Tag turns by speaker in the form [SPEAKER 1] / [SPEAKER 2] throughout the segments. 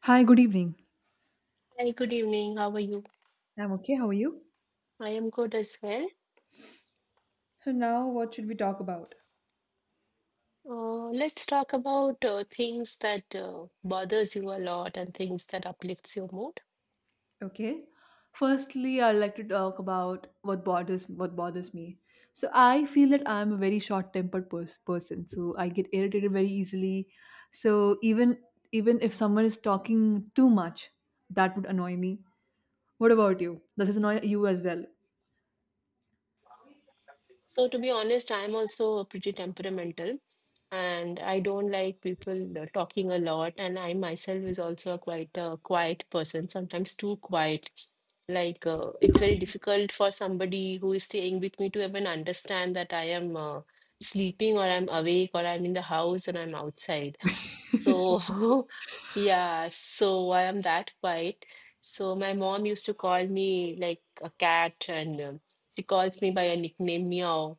[SPEAKER 1] Hi, good evening.
[SPEAKER 2] Hi, good evening. How are you?
[SPEAKER 1] I'm okay. How are you?
[SPEAKER 2] I am good as well.
[SPEAKER 1] So now what should we talk about?
[SPEAKER 2] Let's talk about things that bothers you a lot and things that uplifts your mood.
[SPEAKER 1] Okay. Firstly, I'd like to talk about what bothers me. So I feel that I'm a very short-tempered person. So I get irritated very easily. So even if someone is talking too much, that would annoy me. What about you? Does this annoy you as well?
[SPEAKER 2] So to be honest, I'm also pretty temperamental and I don't like people talking a lot. And I myself is also a quite a quiet person, sometimes too quiet. It's very difficult for somebody who is staying with me to even understand that I am sleeping or I'm awake or I'm in the house and I'm outside. So yeah, so I am that quiet. So my mom used to call me like a cat and she calls me by a nickname Meow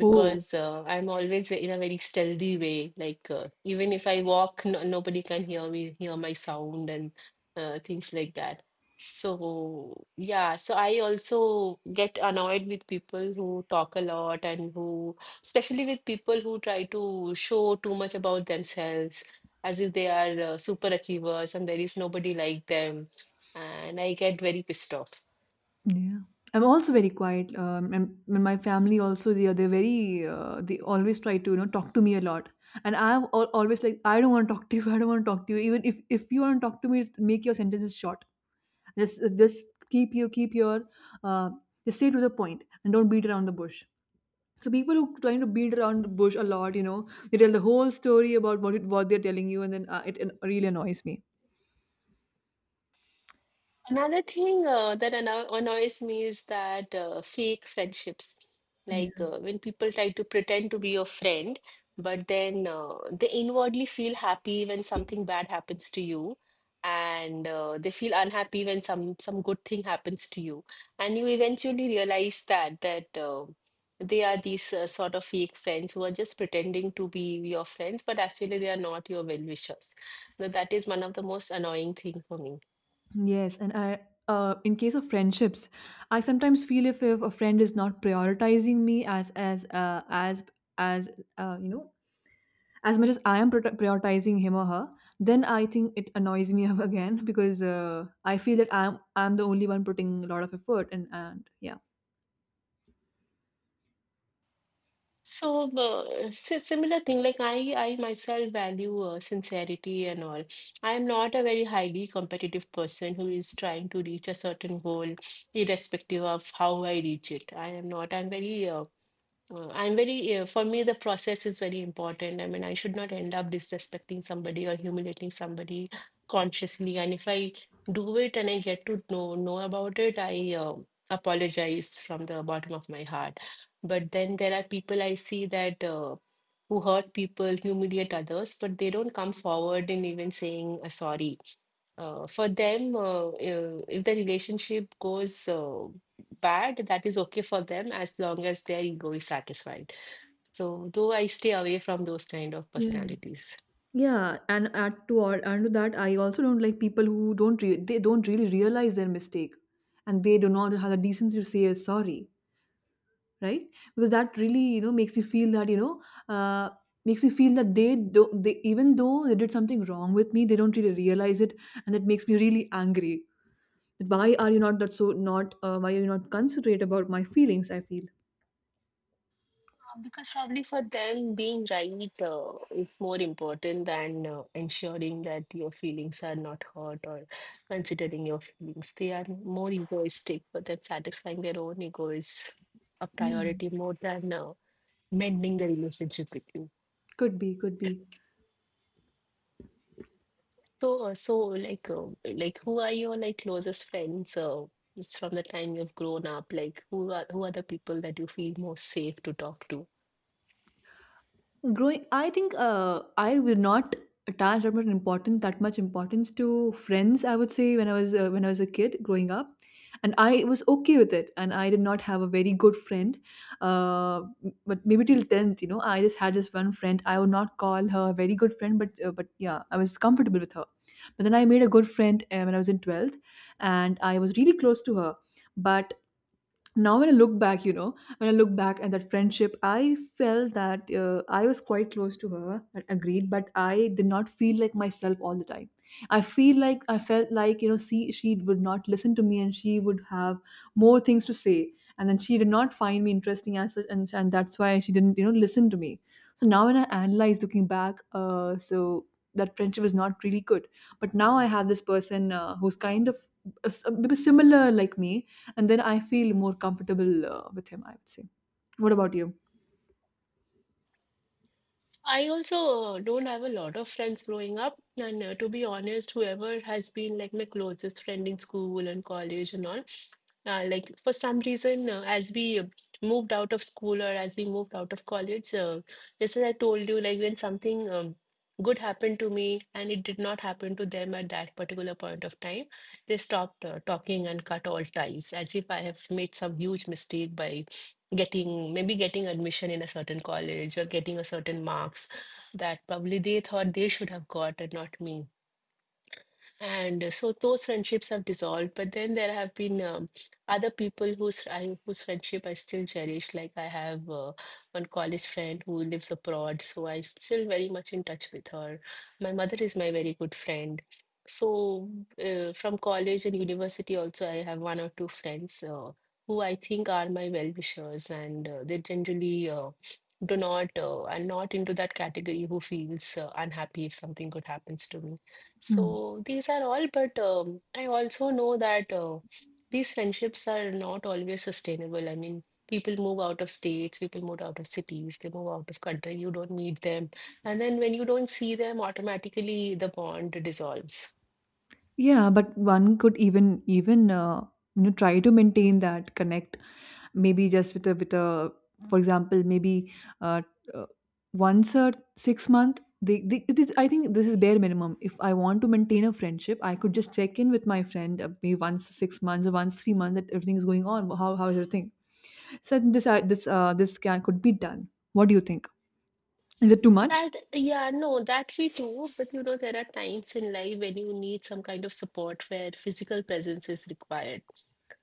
[SPEAKER 1] Oh.
[SPEAKER 2] I'm always in a very stealthy way. Even if I walk, no, nobody can hear me, hear my sound and things like that. So yeah, so I also get annoyed with people who talk a lot and who, especially with people who try to show too much about themselves as if they are super achievers and there is nobody like them. And I get very pissed off.
[SPEAKER 1] Yeah. I'm also very quiet. And my family also, they're very, they always try to, talk to me a lot. And I'm always like, I don't want to talk to you. I don't want to talk to you. Even if you want to talk to me, just make your sentences short. Just keep your uh, just stay to the point and don't beat around the bush. So people who trying to beat around the bush a lot, you know, they tell the whole story about what what they're telling you, and then it really annoys me.
[SPEAKER 2] Another thing that annoys me is that fake friendships,
[SPEAKER 1] Yeah.
[SPEAKER 2] when people try to pretend to be your friend, but then they inwardly feel happy when something bad happens to you, and they feel unhappy when some good thing happens to you, and you eventually realize that they are these sort of fake friends who are just pretending to be your friends, but actually they are not your well-wishers. So that is one of the most annoying thing for me.
[SPEAKER 1] Yes, and I, in case of friendships, I sometimes feel if a friend is not prioritizing me as as uh, you know as much as I am prioritizing him or her, then I think it annoys me. Again, because I feel that I'm the only one putting a lot of effort and yeah.
[SPEAKER 2] So the similar thing, like I myself value sincerity and all. I am not a very highly competitive person who is trying to reach a certain goal, irrespective of how I reach it. I am not. I'm very I'm very, for me, the process is very important. I mean, I should not end up disrespecting somebody or humiliating somebody consciously. And if I do it and I get to know about it, I apologize from the bottom of my heart. But then there are people I see that who hurt people, humiliate others, but they don't come forward in even saying a sorry. For them, if the relationship goes bad, that is okay for them as long as their ego is satisfied. So, though I stay away from those kind of
[SPEAKER 1] Yeah,
[SPEAKER 2] personalities.
[SPEAKER 1] and to that, I also don't like people who don't they don't really realize their mistake, and they do not have the decency to say sorry, right? Because that really, you know, makes you feel that, you know, uh, makes me feel that they, even though they did something wrong with me, they don't really realize it, and that makes me really angry. That why are you not that so not why are you not considerate about my feelings? I feel.
[SPEAKER 2] Because probably for them, being right is more important than ensuring that your feelings are not hurt or considering your feelings. They are more egoistic, but them, satisfying their own ego is a
[SPEAKER 1] Yeah.
[SPEAKER 2] priority more than mending the relationship with you.
[SPEAKER 1] Could be.
[SPEAKER 2] So, so like, who are your like closest friends? It's from the time you've grown up, like, who are the people that you feel most safe to talk to?
[SPEAKER 1] Growing, I think I would not attach that much importance to friends. I would say when I was when I was a kid growing up, and I was okay with it, and I did not have a very good friend, uh, but maybe till 10th, you know, I just had this one friend. I would not call her a very good friend, but yeah, I was comfortable with her. But then I made a good friend when I was in 12th, and I was really close to her. But now when I look back, you know, when I look back at that friendship, I felt that I was quite close to her and agreed, but I did not feel like myself all the time. I feel like I felt like, you know, see, she would not listen to me and she would have more things to say. And then she did not find me interesting as such, and that's why she didn't, you know, listen to me. So now when I analyze looking back, so that friendship is not really good. But now I have this person who's kind of maybe similar like me, and then I feel more comfortable with him, I would say. What about you?
[SPEAKER 2] So I also don't have a lot of friends growing up, and to be honest, whoever has been like my closest friend in school and college and all, like for some reason, as we moved out of school or as we moved out of college, just as I told you, like when something good happened to me and it did not happen to them at that particular point of time, they stopped talking and cut all ties, as if I have made some huge mistake by getting maybe getting admission in a certain college or getting a certain marks that probably they thought they should have got and not me, and so those friendships have dissolved. But then there have been other people whose friendship I still cherish. Like I have one college friend who lives abroad, so I'm still very much in touch with her. My mother is my very good friend. So from college and university also I have one or two friends who I think are my well-wishers, and they generally do not are not into that category who feels unhappy if something good happens to me.
[SPEAKER 1] Hmm.
[SPEAKER 2] So these are all, but I also know that these friendships are not always sustainable. I mean, people move out of states, people move out of cities, they move out of country, you don't meet them. And then when you don't see them, automatically the bond dissolves.
[SPEAKER 1] Yeah, but one could even even you know, try to maintain that connect. Maybe just with a for example, maybe uh, uh, once a six month. It is, I think this is bare minimum. If I want to maintain a friendship, I could just check in with my friend maybe once six months or once three months, that everything is going on. How is everything? So I think this can could be done. What do you think? Is it too much?
[SPEAKER 2] That, yeah, no, that's we true. But you know, there are times in life when you need some kind of support where physical presence is required.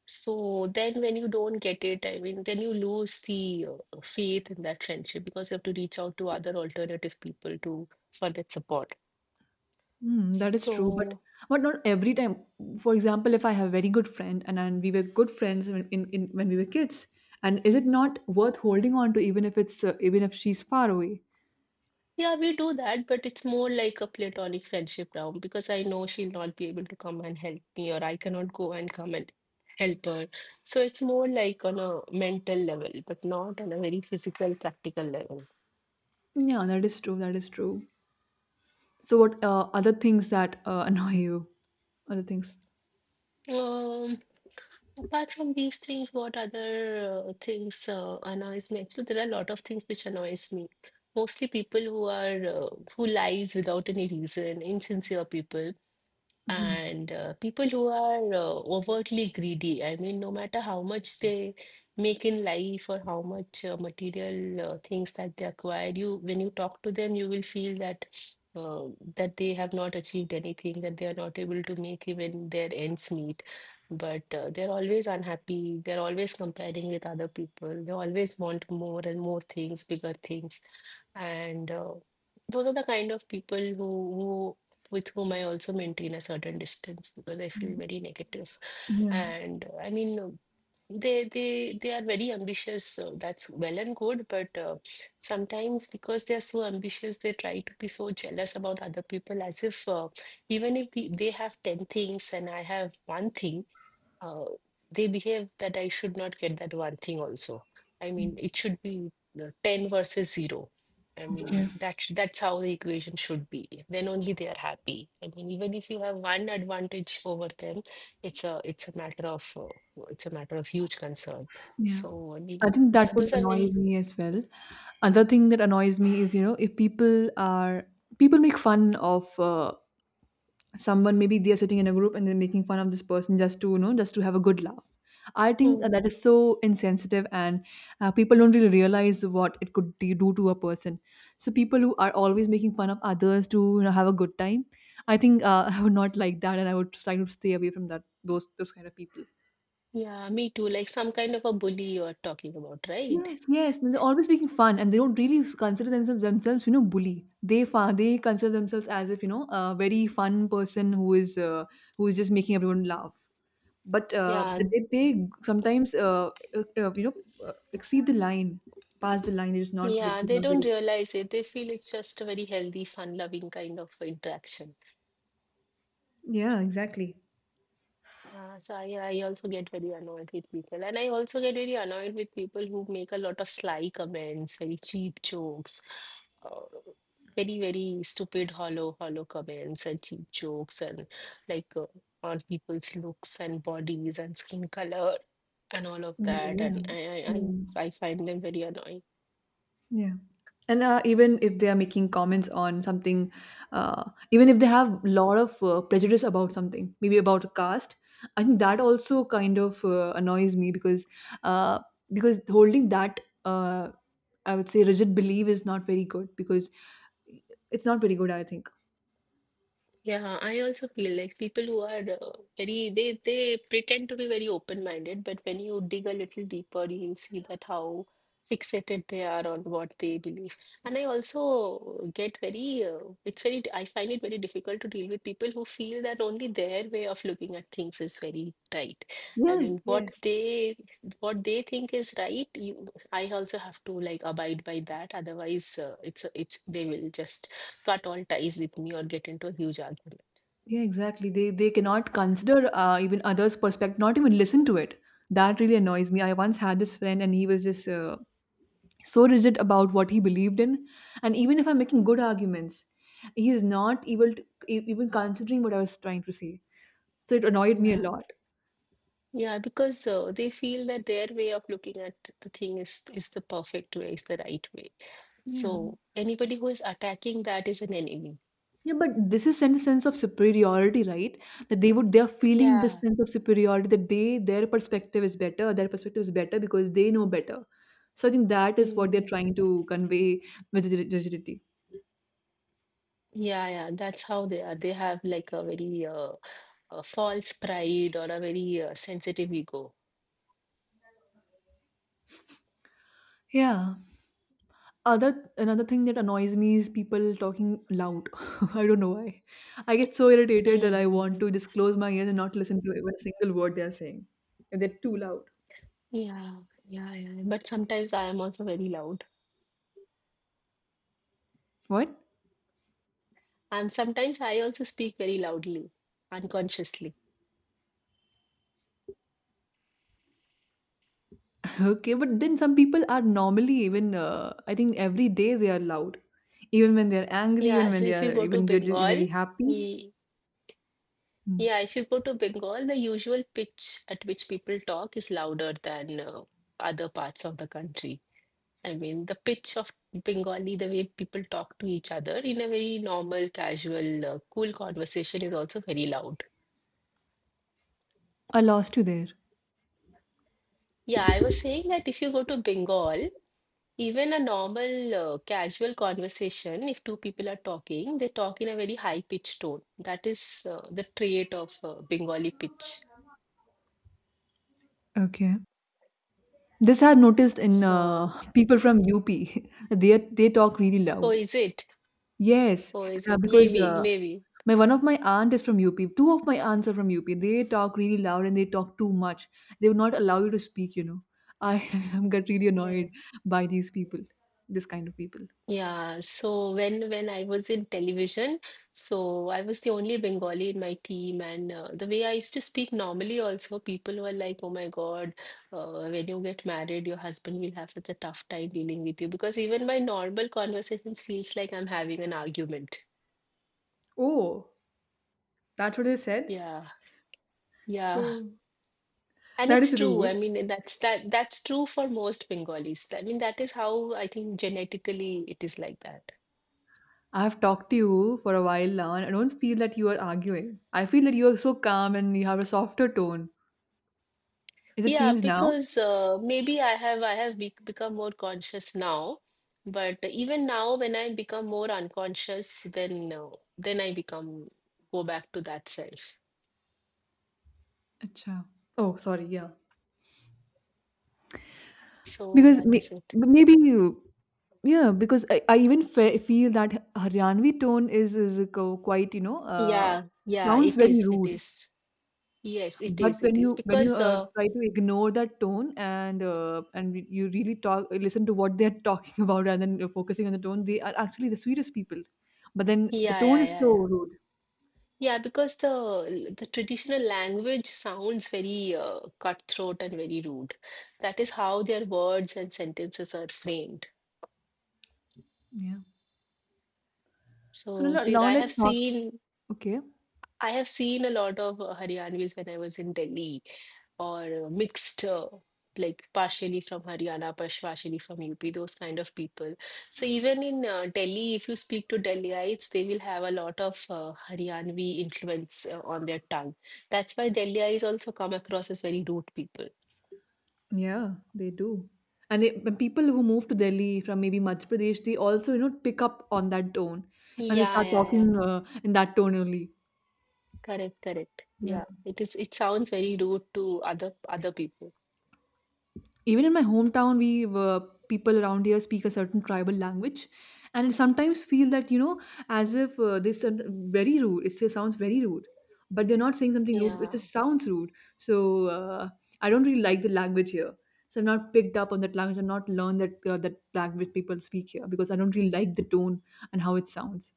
[SPEAKER 2] So then, when you don't get it, I mean, then you lose the faith in that friendship because you have to reach out to other alternative people to for that support.
[SPEAKER 1] Mm, that is true,
[SPEAKER 2] So
[SPEAKER 1] but not every time. For example, if I have a very good friend, and we were good friends when, in when we were kids, and is it not worth holding on to, even if it's even if she's far away?
[SPEAKER 2] yeah, we do that, but it's more like a platonic friendship now because I know she'll not be able to come and help me, or I cannot go and come and help her. So it's more like on a mental level, but not on a very physical, practical level.
[SPEAKER 1] Yeah, that is true. That is true. So, what other things that annoy you? Other things.
[SPEAKER 2] Um, Apart from these things, what other things annoys me? Actually, there are a lot of things which annoys me. Mostly people who are who lies without any reason, insincere people.
[SPEAKER 1] Mhm.
[SPEAKER 2] And people who are overtly greedy, I mean, no matter how much they make in life or how much material things that they acquire, you when you talk to them, you will feel that uh, that they have not achieved anything, that they are not able to make even their ends meet. But they're always unhappy. They're always comparing with other people. They always want more and more things, bigger things, and those are the kind of people who, with whom I also maintain a certain distance because I feel very negative.
[SPEAKER 1] Yeah.
[SPEAKER 2] And I mean, they are very ambitious. So that's well and good, but sometimes because they are so ambitious, they try to be so jealous about other people, as if even if they have ten things and I have one thing, uh, they behave that I should not get that one thing also. I mean, it should be you 10 versus 0. I mean,
[SPEAKER 1] Yeah.
[SPEAKER 2] that's how the equation should be. Then only they are happy. I mean, even if you have one advantage over them, it's a matter of it's a matter of huge concern.
[SPEAKER 1] Yeah.
[SPEAKER 2] So I
[SPEAKER 1] I
[SPEAKER 2] mean,
[SPEAKER 1] think that would
[SPEAKER 2] those are
[SPEAKER 1] annoy
[SPEAKER 2] very
[SPEAKER 1] me as well. Another thing that annoys me is, you know, if people are people make fun of someone. Maybe they are sitting in a group and they're making fun of this person just to, you know, just to have a good laugh. I think
[SPEAKER 2] hmm,
[SPEAKER 1] that is so insensitive, and people don't really realize what it could do to a person. So people who are always making fun of others to, you know, have a good time, I think I would not like that, and I would try to stay away from that those kind of people.
[SPEAKER 2] yeah, me too. Like some kind of a bully you're talking about, right?
[SPEAKER 1] Yes, yes, and they're always making fun, and they don't really consider themselves, you know, bully. They consider themselves as if, you know, a very fun person who is just making everyone laugh. But
[SPEAKER 2] Yeah,
[SPEAKER 1] they sometimes you know, exceed the line, pass the line. It's not, but
[SPEAKER 2] yeah.
[SPEAKER 1] it's
[SPEAKER 2] They
[SPEAKER 1] not
[SPEAKER 2] don't
[SPEAKER 1] very good.
[SPEAKER 2] realize it. They feel it's just a very healthy, fun-loving kind of interaction.
[SPEAKER 1] Yeah, exactly.
[SPEAKER 2] So I also get very annoyed with people. And I also get very annoyed with people who make a lot of sly comments, very cheap jokes, uh, very, very stupid, hollow comments and cheap jokes and like uh, on people's looks and bodies and skin color and all of that.
[SPEAKER 1] Mm,
[SPEAKER 2] And
[SPEAKER 1] yeah.
[SPEAKER 2] I, I,
[SPEAKER 1] Mm.
[SPEAKER 2] I I find them very annoying.
[SPEAKER 1] Yeah. And even if they are making comments on something, uh, even if they have a lot of prejudice about something, maybe about a caste, I think that also kind of annoys me, uh, because holding that uh, I would say rigid belief is not very good, because it's not very good, I think.
[SPEAKER 2] Yeah, I also feel like people who are very they pretend to be very open-minded, but when you dig a little deeper, you'll see that how fixated they are on what they believe. And I also get very it's very I find it very difficult to deal with people who feel that only their way of looking at things is very right. I
[SPEAKER 1] Yes.
[SPEAKER 2] mean,
[SPEAKER 1] Yes.
[SPEAKER 2] what they think is right, you, I also have to like abide by that. Otherwise, it's they will just cut all ties with me or get into a huge argument.
[SPEAKER 1] Yeah. Exactly. They cannot consider even others' perspective, not even listen to it. That really annoys me. I once had this friend, and he was just so rigid about what he believed in. And even if I'm making good arguments, he is not able to even considering what I was trying to say. So it annoyed me a
[SPEAKER 2] Yeah.
[SPEAKER 1] lot.
[SPEAKER 2] Yeah, because they feel that their way of looking at the thing is the perfect way, is the right way.
[SPEAKER 1] Yeah,
[SPEAKER 2] So anybody who is attacking that is an enemy.
[SPEAKER 1] yeah, but this is sense of superiority, right? That they're feeling this
[SPEAKER 2] Yeah.
[SPEAKER 1] sense of superiority, that they their perspective is better, because they know better. So I think that is what
[SPEAKER 2] Mm,
[SPEAKER 1] they're trying to convey with the rigidity.
[SPEAKER 2] yeah, yeah, that's how they are. They have like a very a false pride or a very sensitive ego.
[SPEAKER 1] Yeah. Other another thing that annoys me is people talking loud. I don't know why. I get so irritated that I want
[SPEAKER 2] Mm-hmm.
[SPEAKER 1] to just close my ears and not listen to even a single word they are saying. If they're too loud.
[SPEAKER 2] Yeah, yeah, yeah. But sometimes I am also very loud.
[SPEAKER 1] What?
[SPEAKER 2] And sometimes I also speak very loudly, unconsciously.
[SPEAKER 1] Okay, but then some people are normally, even I think every day, they are loud. Even when they're angry,
[SPEAKER 2] Yeah,
[SPEAKER 1] even when
[SPEAKER 2] so
[SPEAKER 1] they
[SPEAKER 2] if you
[SPEAKER 1] are,
[SPEAKER 2] go to
[SPEAKER 1] even they're just very
[SPEAKER 2] Bengal,
[SPEAKER 1] happy.
[SPEAKER 2] ye-
[SPEAKER 1] Hmm.
[SPEAKER 2] yeah, if you go to Bengal, the usual pitch at which people talk is louder than other parts of the country. I mean, the pitch of Bengali, the way people talk to each other in a very normal, casual, cool conversation is also very loud.
[SPEAKER 1] I lost you there.
[SPEAKER 2] Yeah, I was saying that if you go to Bengal, even a normal, casual conversation, if two people are talking, they talk in a very high pitched tone. That is the trait of Bengali pitch.
[SPEAKER 1] Okay. This I've noticed in
[SPEAKER 2] So,
[SPEAKER 1] people from UP. They talk really
[SPEAKER 2] oh,
[SPEAKER 1] loud.
[SPEAKER 2] is it?
[SPEAKER 1] Yes,
[SPEAKER 2] Oh, is it?
[SPEAKER 1] because
[SPEAKER 2] Maybe, maybe.
[SPEAKER 1] my one of my aunt is from UP. Two of my aunts are from UP. They talk really loud and they talk too much. They would not allow you to speak, you know. I am get really
[SPEAKER 2] Yeah.
[SPEAKER 1] annoyed by these people, this kind of people.
[SPEAKER 2] Yeah. So when I was in television, so I was the only Bengali in my team, and the way I used to speak normally, also people were like, "Oh my God, when you get married, your husband will have such a tough time dealing with you," because even my normal conversations feels like I'm having an argument.
[SPEAKER 1] Oh, that's what they said?
[SPEAKER 2] Yeah. Yeah.
[SPEAKER 1] Oh,
[SPEAKER 2] And
[SPEAKER 1] that
[SPEAKER 2] it's
[SPEAKER 1] is
[SPEAKER 2] true.
[SPEAKER 1] rude.
[SPEAKER 2] I mean, that's true for most Bengalis. I mean, that is how I think genetically it is like that.
[SPEAKER 1] I have talked to you for a while now, and I don't feel that you are arguing. I feel that you are so calm and you have a softer tone. Is it
[SPEAKER 2] Yeah,
[SPEAKER 1] changed now?
[SPEAKER 2] because maybe I have be become more conscious now, but even now when I become more unconscious, then I become go back to that self.
[SPEAKER 1] Acha. Oh, sorry, yeah.
[SPEAKER 2] So
[SPEAKER 1] Because
[SPEAKER 2] that
[SPEAKER 1] may-
[SPEAKER 2] is it.
[SPEAKER 1] maybe you- Yeah, because I even fe feel that Haryanvi tone is quite, you know,
[SPEAKER 2] Yeah, yeah,
[SPEAKER 1] sounds
[SPEAKER 2] it
[SPEAKER 1] very
[SPEAKER 2] is, it
[SPEAKER 1] rude.
[SPEAKER 2] is. Yes, it
[SPEAKER 1] But
[SPEAKER 2] is, it is.
[SPEAKER 1] when you
[SPEAKER 2] Because
[SPEAKER 1] try to ignore that tone and you really talk listen to what they're talking about, rather than focusing on the tone, they are actually the sweetest people. But then the
[SPEAKER 2] yeah,
[SPEAKER 1] tone
[SPEAKER 2] yeah,
[SPEAKER 1] is
[SPEAKER 2] yeah,
[SPEAKER 1] so
[SPEAKER 2] yeah.
[SPEAKER 1] rude.
[SPEAKER 2] Yeah, because the traditional language sounds very cutthroat and very rude. That is how their words and sentences are framed.
[SPEAKER 1] Yeah. So
[SPEAKER 2] So
[SPEAKER 1] now, now let's talk. Okay.
[SPEAKER 2] I have seen a lot of Haryanvis when I was in Delhi, or mixed, like partially from Haryana, partially from UP, those kind of people. So even in Delhi, if you speak to Delhiites, they will have a lot of Haryanvi influence on their tongue. That's why Delhiites also come across as very rude people.
[SPEAKER 1] Yeah, they do. And it, when people who move to Delhi from maybe Madhya Pradesh, they also, you know, pick up on that tone and they
[SPEAKER 2] Yeah,
[SPEAKER 1] start
[SPEAKER 2] yeah, yeah.
[SPEAKER 1] talking in that tone only.
[SPEAKER 2] Correct, correct.
[SPEAKER 1] Yeah.
[SPEAKER 2] Yeah, it is. It sounds very rude to other people.
[SPEAKER 1] Even in my hometown, we were, people around here speak a certain tribal language, and sometimes feel that, you know, as if this very rude, it still sounds very rude. But they're not saying something rude, it
[SPEAKER 2] Yeah.
[SPEAKER 1] just sounds rude. So I don't really like the language here. So I've not picked up on that language. I've not learned that that language people speak here because I don't really like the tone and how it sounds.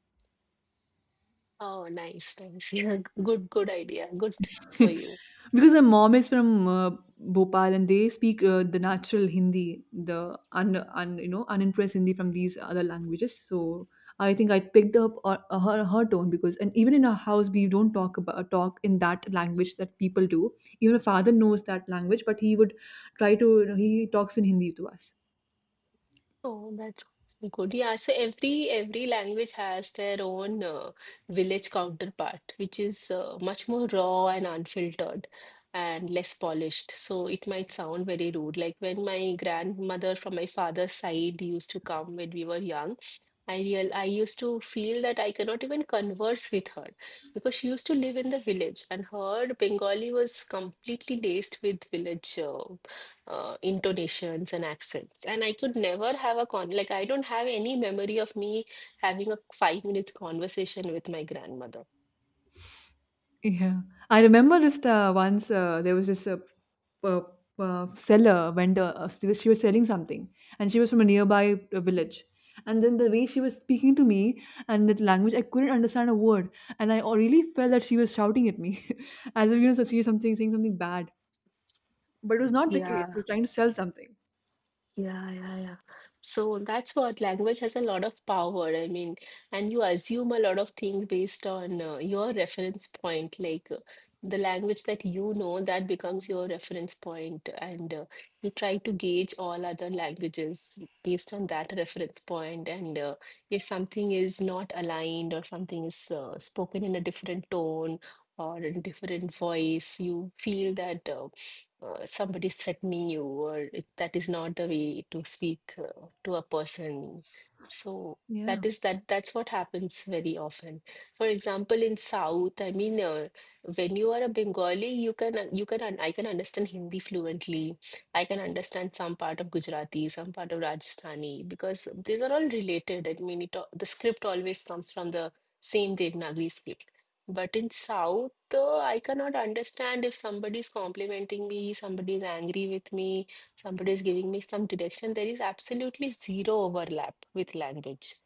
[SPEAKER 2] Oh, nice, nice. Yeah, good, good idea. Good for you.
[SPEAKER 1] Because my mom is from Bhopal, and they speak the natural Hindi, the un, un you know, unimpressed Hindi from these other languages. So I think I picked up her tone because and even in our house we don't talk in that language that people do. Even our father knows that language, but he would try to he talks in Hindi to us.
[SPEAKER 2] Oh, that's good. Yeah, so every language has their own village counterpart, which is much more raw and unfiltered and less polished. So it might sound very rude. Like when my grandmother from my father's side used to come when we were young. I used to feel that I cannot even converse with her because she used to live in the village and her Bengali was completely laced with village intonations and accents. And I could never have a con like I don't have any memory of me having a 5 minutes conversation with my grandmother.
[SPEAKER 1] Yeah. I remember this once there was this uh, seller, vendor, she was selling something and she was from a nearby village. And then the way she was speaking to me and that language, I couldn't understand a word. And really felt that she was shouting at me as if, so she was saying something bad. But it was not the case. She was trying to sell something.
[SPEAKER 2] Yeah, yeah, yeah. So that's what language has a lot of power. I mean, and you assume a lot of things based on your reference point, like the language that you know, that becomes your reference point, and you try to gauge all other languages based on that reference point. And if something is not aligned or something is spoken in a different tone or in different voice, you feel that. Somebody threatening you, or it, that is not the way to speak to a person. So
[SPEAKER 1] Yeah.
[SPEAKER 2] that is that. That's what happens very often. For example, in South, I mean, when you are a Bengali, you can I can understand Hindi fluently. I can understand some part of Gujarati, some part of Rajasthani, because these are all related. I mean, the script always comes from the same Devanagari script. But in South, I cannot understand if somebody is complimenting me, somebody is angry with me, somebody is giving me some direction. There is absolutely zero overlap with language.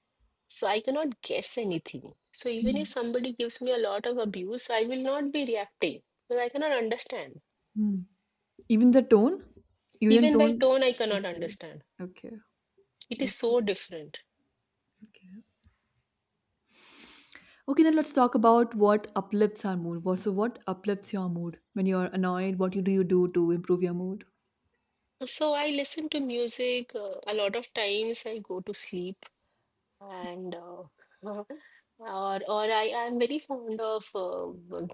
[SPEAKER 2] So I cannot guess anything. So even if
[SPEAKER 1] Mm.
[SPEAKER 2] somebody gives me a lot of abuse, I will not be reacting because I cannot understand.
[SPEAKER 1] Mm. Even the tone? Even
[SPEAKER 2] Even by
[SPEAKER 1] tone?
[SPEAKER 2] tone, I cannot
[SPEAKER 1] Okay.
[SPEAKER 2] understand.
[SPEAKER 1] Okay.
[SPEAKER 2] It is
[SPEAKER 1] Okay.
[SPEAKER 2] so different.
[SPEAKER 1] Okay. Okay, now let's talk about what uplifts our mood. What- So, what uplifts your mood when you're annoyed? What you do to improve your mood?
[SPEAKER 2] So I listen to music a lot of times. I go to sleep and or I am very fond of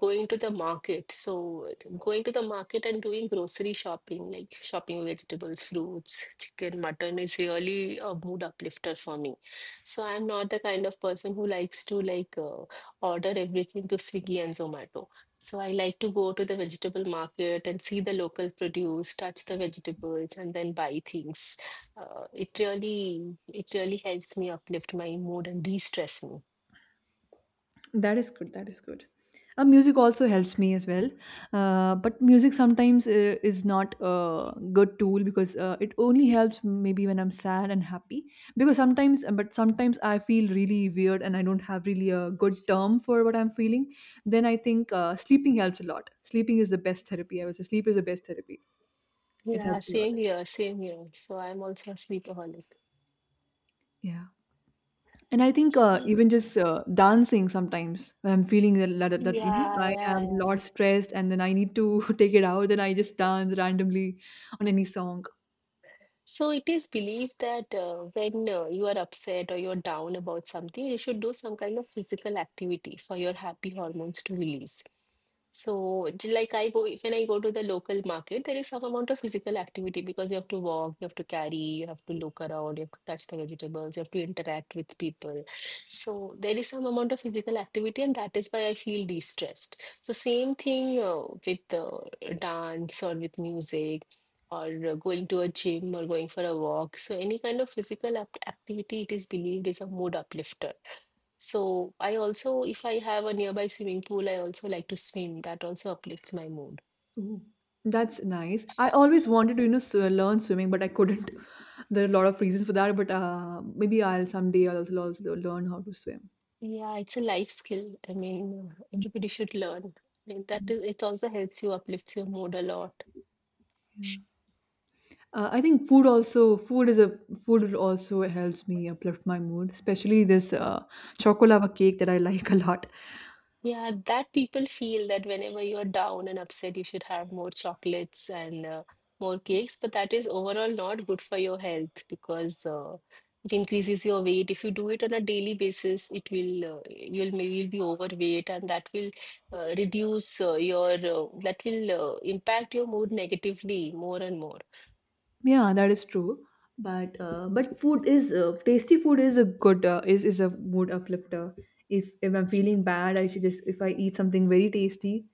[SPEAKER 2] going to the market. So going to the market and doing grocery shopping, like shopping vegetables, fruits, chicken, mutton is really a mood uplifter for me. So I'm not the kind of person who likes to like order everything to Swiggy and Zomato. So I like to go to the vegetable market and see the local produce, touch the vegetables, and then buy things it really helps me uplift my mood and de-stress me.
[SPEAKER 1] That is good. That is good. Music also helps me as well, but music sometimes is not a good tool because it only helps maybe when I'm sad and happy. Because sometimes I feel really weird and I don't have really a good term for what I'm feeling. Then I think sleeping helps a lot. Sleeping is the best therapy. I would say sleep is the best therapy. It
[SPEAKER 2] Yeah,
[SPEAKER 1] helps a lot.
[SPEAKER 2] same here, same here. So I'm also a sleepaholic.
[SPEAKER 1] Yeah. And I think
[SPEAKER 2] So
[SPEAKER 1] even just dancing sometimes when I'm feeling that, you know
[SPEAKER 2] yeah,
[SPEAKER 1] I am
[SPEAKER 2] yeah, yeah.
[SPEAKER 1] a lot stressed and then I need to take it out, then I just dance randomly on any song.
[SPEAKER 2] So it is believed that when you are upset or you're down about something, you should do some kind of physical activity for your happy hormones to release. So, like I go, when I go to the local market, there is some amount of physical activity because you have to walk, you have to carry, you have to look around, you have to touch the vegetables, you have to interact with people. So, there is some amount of physical activity, and that is why I feel de-stressed. So, same thing with dance or with music or going to a gym or going for a walk. So, any kind of activity, it is believed is a mood uplifter. So, I also, if I have a nearby swimming pool, I also like to swim. That also uplifts my mood.
[SPEAKER 1] Ooh, that's nice. I always wanted to you know learn swimming, but I couldn't. There are a lot of reasons for that, but maybe I'll someday also learn how to swim.
[SPEAKER 2] Yeah, it's a life skill. I mean, everybody should learn. I mean, that
[SPEAKER 1] Mhm.
[SPEAKER 2] is, it also helps you uplifts your mood a lot.
[SPEAKER 1] Yeah. I think food also food is a food also helps me uplift my mood, especially this chocolava cake that I like a lot.
[SPEAKER 2] Yeah, that people feel that whenever you're down and upset, you should have more chocolates and more cakes. But that is overall not good for your health because it increases your weight. If you do it on a daily basis, it will you'll maybe you'll be overweight, and that will reduce your that will impact your mood negatively more and more.
[SPEAKER 1] Yeah, that is true. But food is tasty food is a good is a mood uplifter. If I'm feeling bad, I should just if I eat something very tasty,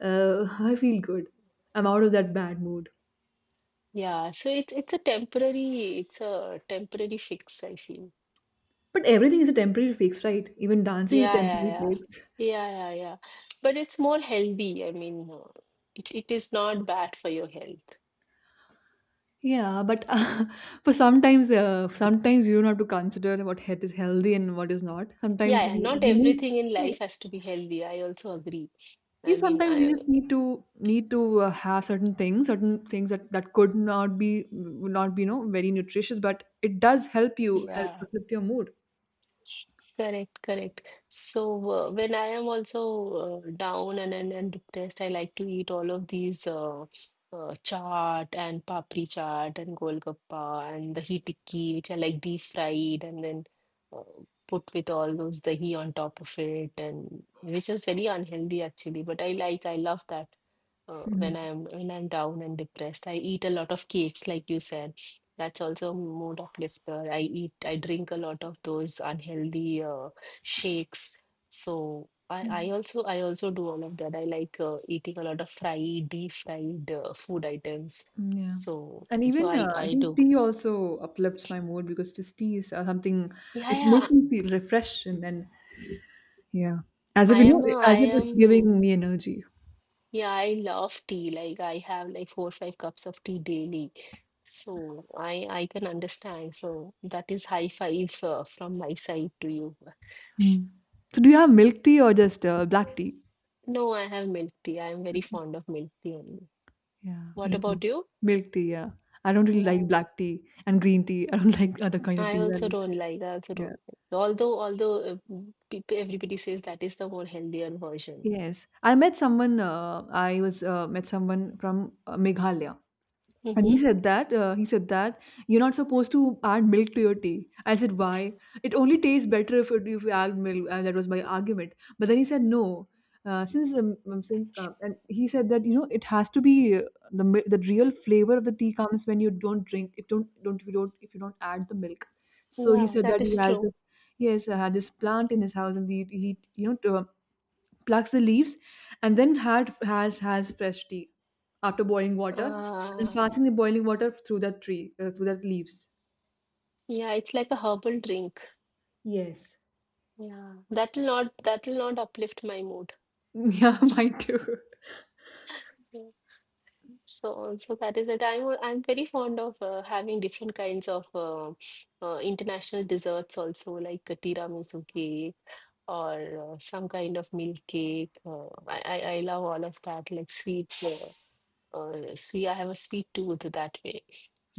[SPEAKER 1] I feel good. I'm out of that bad mood.
[SPEAKER 2] Yeah, so it's a temporary fix, I feel.
[SPEAKER 1] But everything is a temporary fix, right? Even dancing is a
[SPEAKER 2] Yeah, yeah,
[SPEAKER 1] temporary
[SPEAKER 2] yeah.
[SPEAKER 1] fix.
[SPEAKER 2] Yeah, yeah, yeah. But it's more healthy. I mean, it is not bad for your health.
[SPEAKER 1] Yeah, but for sometimes sometimes you don't have to consider what health is healthy and what is not. Sometimes
[SPEAKER 2] Yeah, yeah. Not
[SPEAKER 1] we need.
[SPEAKER 2] everything in
[SPEAKER 1] Yeah,
[SPEAKER 2] life has to be healthy. I also agree. I
[SPEAKER 1] you
[SPEAKER 2] mean,
[SPEAKER 1] sometimes you just need to have certain things that that could not be would not be you know very nutritious but it does help
[SPEAKER 2] yeah.
[SPEAKER 1] uplift your mood.
[SPEAKER 2] Correct, correct. So when I am also down and depressed, I like to eat all of these chaat and papri chaat and golgappa and the heat tikki, which are like deep fried and then uh, put with all those dahi on top of it, and which is very unhealthy actually. But I like, I love that when
[SPEAKER 1] Yeah.
[SPEAKER 2] I'm down and depressed. I eat a lot of cakes, like you said. That's also a mood uplifter. I eat, I drink a lot of those unhealthy shakes. So
[SPEAKER 1] Mm,
[SPEAKER 2] I also do all of that. I like eating a lot of fried, deep fried food items.
[SPEAKER 1] yeah.
[SPEAKER 2] So
[SPEAKER 1] And even I
[SPEAKER 2] I
[SPEAKER 1] think
[SPEAKER 2] do.
[SPEAKER 1] tea also uplifts my mood because just tea is something.
[SPEAKER 2] Yeah,
[SPEAKER 1] It
[SPEAKER 2] yeah.
[SPEAKER 1] makes me feel refreshed and then yeah, as if you know,
[SPEAKER 2] I
[SPEAKER 1] as if it's
[SPEAKER 2] am.
[SPEAKER 1] giving me energy.
[SPEAKER 2] Yeah, I love tea. Like I have like 4 5 cups of tea daily. So I can understand. So that is high five from my side to you.
[SPEAKER 1] Mm. So do you have milk tea or just black tea?
[SPEAKER 2] No, I have milk tea. I am very fond of milk tea only.
[SPEAKER 1] Yeah,
[SPEAKER 2] What
[SPEAKER 1] me too.
[SPEAKER 2] about you?
[SPEAKER 1] Milk tea, yeah. I don't really like
[SPEAKER 2] Yeah.
[SPEAKER 1] black tea and green tea. I don't like other kind of
[SPEAKER 2] I
[SPEAKER 1] tea.
[SPEAKER 2] also
[SPEAKER 1] And
[SPEAKER 2] don't like. I also
[SPEAKER 1] yeah.
[SPEAKER 2] don't like. Although people everybody says that is the more healthier version.
[SPEAKER 1] Yes, I met someone. I was Met someone from Meghalaya. And he
[SPEAKER 2] Hmm.
[SPEAKER 1] said that he said that you're not supposed to add milk to your tea. I said, why? It only tastes better if you add milk. And that was my argument. But then he said, no. Since And he said that you know it has to be the real flavor of the tea comes when you don't drink if don't don't if you don't if you don't add the milk. So he
[SPEAKER 2] Yeah,
[SPEAKER 1] said
[SPEAKER 2] that
[SPEAKER 1] that he
[SPEAKER 2] is
[SPEAKER 1] has
[SPEAKER 2] true.
[SPEAKER 1] this yes had this plant in his house and he you know to, plucks the leaves, and then had has fresh tea after boiling water, and then
[SPEAKER 2] Uh,
[SPEAKER 1] passing the boiling water through that tree through that leaves.
[SPEAKER 2] yeah, it's like a herbal drink.
[SPEAKER 1] Yes.
[SPEAKER 2] Yeah. That will not uplift my mood.
[SPEAKER 1] Yeah, mine too.
[SPEAKER 2] Mm. So also that is that I'm very fond of having different kinds of international desserts also like a tiramisu cake or some kind of milk cake. I love all of that like sweet. See, I have a sweet tooth that way.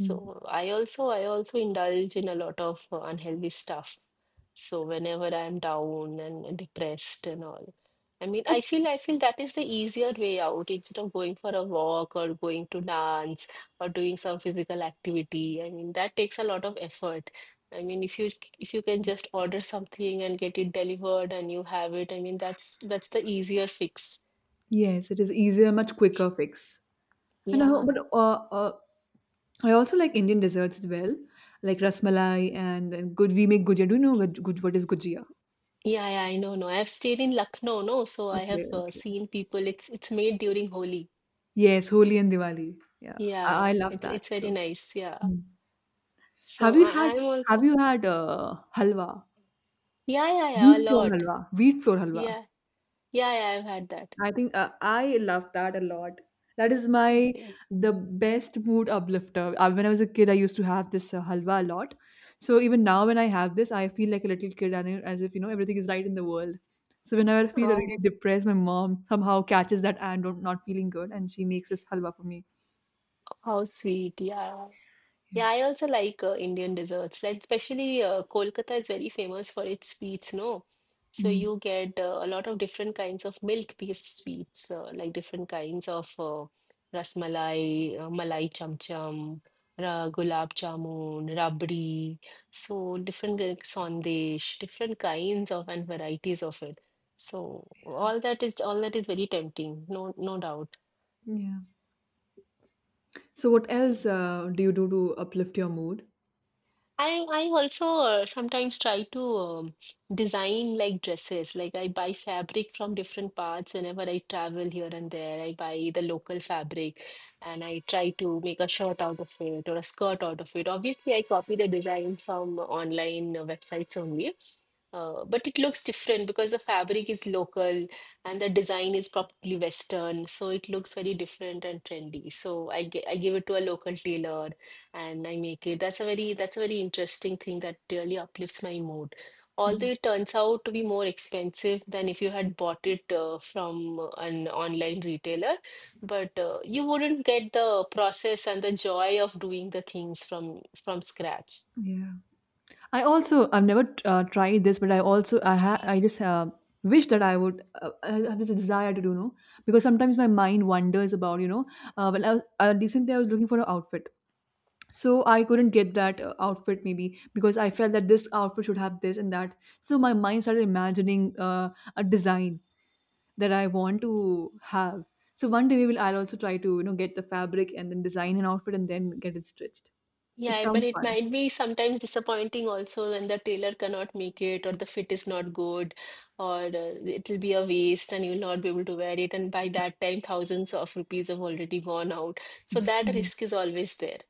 [SPEAKER 1] Mm.
[SPEAKER 2] I also indulge in a lot of unhealthy stuff. So whenever I'm down and depressed and all, I mean,
[SPEAKER 1] But
[SPEAKER 2] I feel that is the easier way out instead of going for a walk or going to dance or doing some physical activity. I mean, that takes a lot of effort. I mean, if you can just order something and get it delivered and you have it, I mean, that's the easier fix.
[SPEAKER 1] yes, it is easier, much quicker fix. And I, ho-
[SPEAKER 2] Yeah.
[SPEAKER 1] but I also like Indian desserts as well, like rasmalai and good. We make gujia. Do you know what is gujia?
[SPEAKER 2] Yeah, yeah, I know, no. I've stayed in Lucknow, no, so I
[SPEAKER 1] Okay,
[SPEAKER 2] have
[SPEAKER 1] okay.
[SPEAKER 2] seen people. It's made during Holi.
[SPEAKER 1] Yes, Holi and Diwali. Yeah, I
[SPEAKER 2] Yeah,
[SPEAKER 1] love that.
[SPEAKER 2] it's very
[SPEAKER 1] So,
[SPEAKER 2] nice. Yeah.
[SPEAKER 1] mm, have
[SPEAKER 2] So
[SPEAKER 1] you had
[SPEAKER 2] I'm also
[SPEAKER 1] halwa?
[SPEAKER 2] yeah, yeah, yeah, a
[SPEAKER 1] Wheat flour
[SPEAKER 2] lot.
[SPEAKER 1] halwa, wheat flour halwa.
[SPEAKER 2] Yeah, yeah, yeah. I've had that.
[SPEAKER 1] I think I love that a lot. That is my
[SPEAKER 2] Okay.
[SPEAKER 1] the best mood uplifter. When I was a kid, I used to have this halwa a lot. So even now, when I have this, I feel like a little kid and as if you know everything is right in the world. So whenever I feel really
[SPEAKER 2] Oh,
[SPEAKER 1] depressed, my mom somehow catches that I'm not feeling good, and she makes this halwa for me.
[SPEAKER 2] how sweet. Yeah.
[SPEAKER 1] Yeah.
[SPEAKER 2] Yeah, I also like Indian desserts. Like especially Kolkata is very famous for its sweets, no? So
[SPEAKER 1] Mm.
[SPEAKER 2] you get a lot of different kinds of milk-based sweets, like different kinds of rasmalai, malai cham-cham, ra gulab jamun, rabdi. So different sandesh, different kinds of and varieties of it. So all that is very tempting, no doubt.
[SPEAKER 1] Yeah. So what else do you do to uplift your mood?
[SPEAKER 2] I also sometimes try to design like dresses. Like I buy fabric from different parts whenever I travel here and there. I buy the local fabric and I try to make a shirt out of it or a skirt out of it. Obviously, I copy the design from online websites only. But it looks different because the fabric is local and the design is probably Western, so it looks very different and trendy. So I give it to a local tailor and I make it. That's a very interesting thing that really uplifts my mood. Although
[SPEAKER 1] Mm.
[SPEAKER 2] it turns out to be more expensive than if you had bought it from an online retailer, but you wouldn't get the process and the joy of doing the things from scratch.
[SPEAKER 1] Yeah. I've never tried this, but I just wish that I would I have this desire to do know because sometimes my mind wanders about you know when I was recently I was looking for an outfit, so I couldn't get that outfit maybe because I felt that this outfit should have this and that. So my mind started imagining a design that I want to have. So one day we will I'll also try to you know get the fabric and then design an outfit and then get it stitched. It
[SPEAKER 2] Yeah, but
[SPEAKER 1] sounds
[SPEAKER 2] it
[SPEAKER 1] fun.
[SPEAKER 2] might be sometimes disappointing also when the tailor cannot make it or the fit is not good or it'll be a waste and you'll not be able to wear it. And by that time, thousands of rupees have already gone out. So that risk is always there.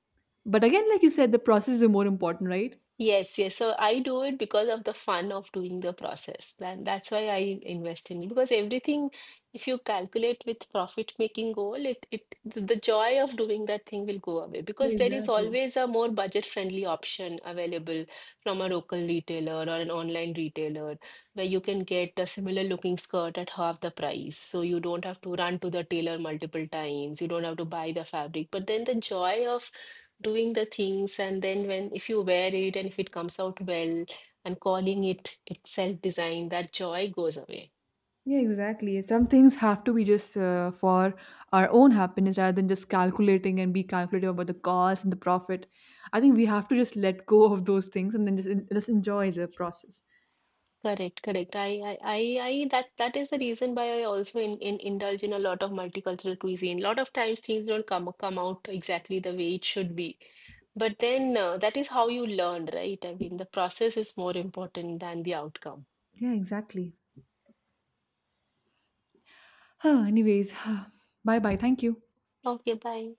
[SPEAKER 1] But again, like you said, the process is more important, right?
[SPEAKER 2] Yes, yes. So I do it because of the fun of doing the process. And that's why I invest in it. Because everything, if you calculate with profit-making goal, the joy of doing that thing will go away because there is
[SPEAKER 1] Exactly.
[SPEAKER 2] always a more budget-friendly option available from a local retailer or an online retailer where you can get a similar looking skirt at half the price. So you don't have to run to the tailor multiple times. You don't have to buy the fabric. But then the joy of doing the things and then when if you wear it and if it comes out well and calling it itself design that joy goes away
[SPEAKER 1] Yeah, exactly. Some things have to be just for our own happiness rather than just calculating and be calculative about the cost and the profit. I think we have to just let go of those things and then just, just enjoy the process.
[SPEAKER 2] correct, correct, I that that is the reason why I also in indulge in a lot of multicultural cuisine a lot of times things don't come out exactly the way it should be but then that is how you learn right I mean the process is more important than the outcome.
[SPEAKER 1] Yeah, exactly. Anyways, bye bye. Thank you.
[SPEAKER 2] Okay, bye.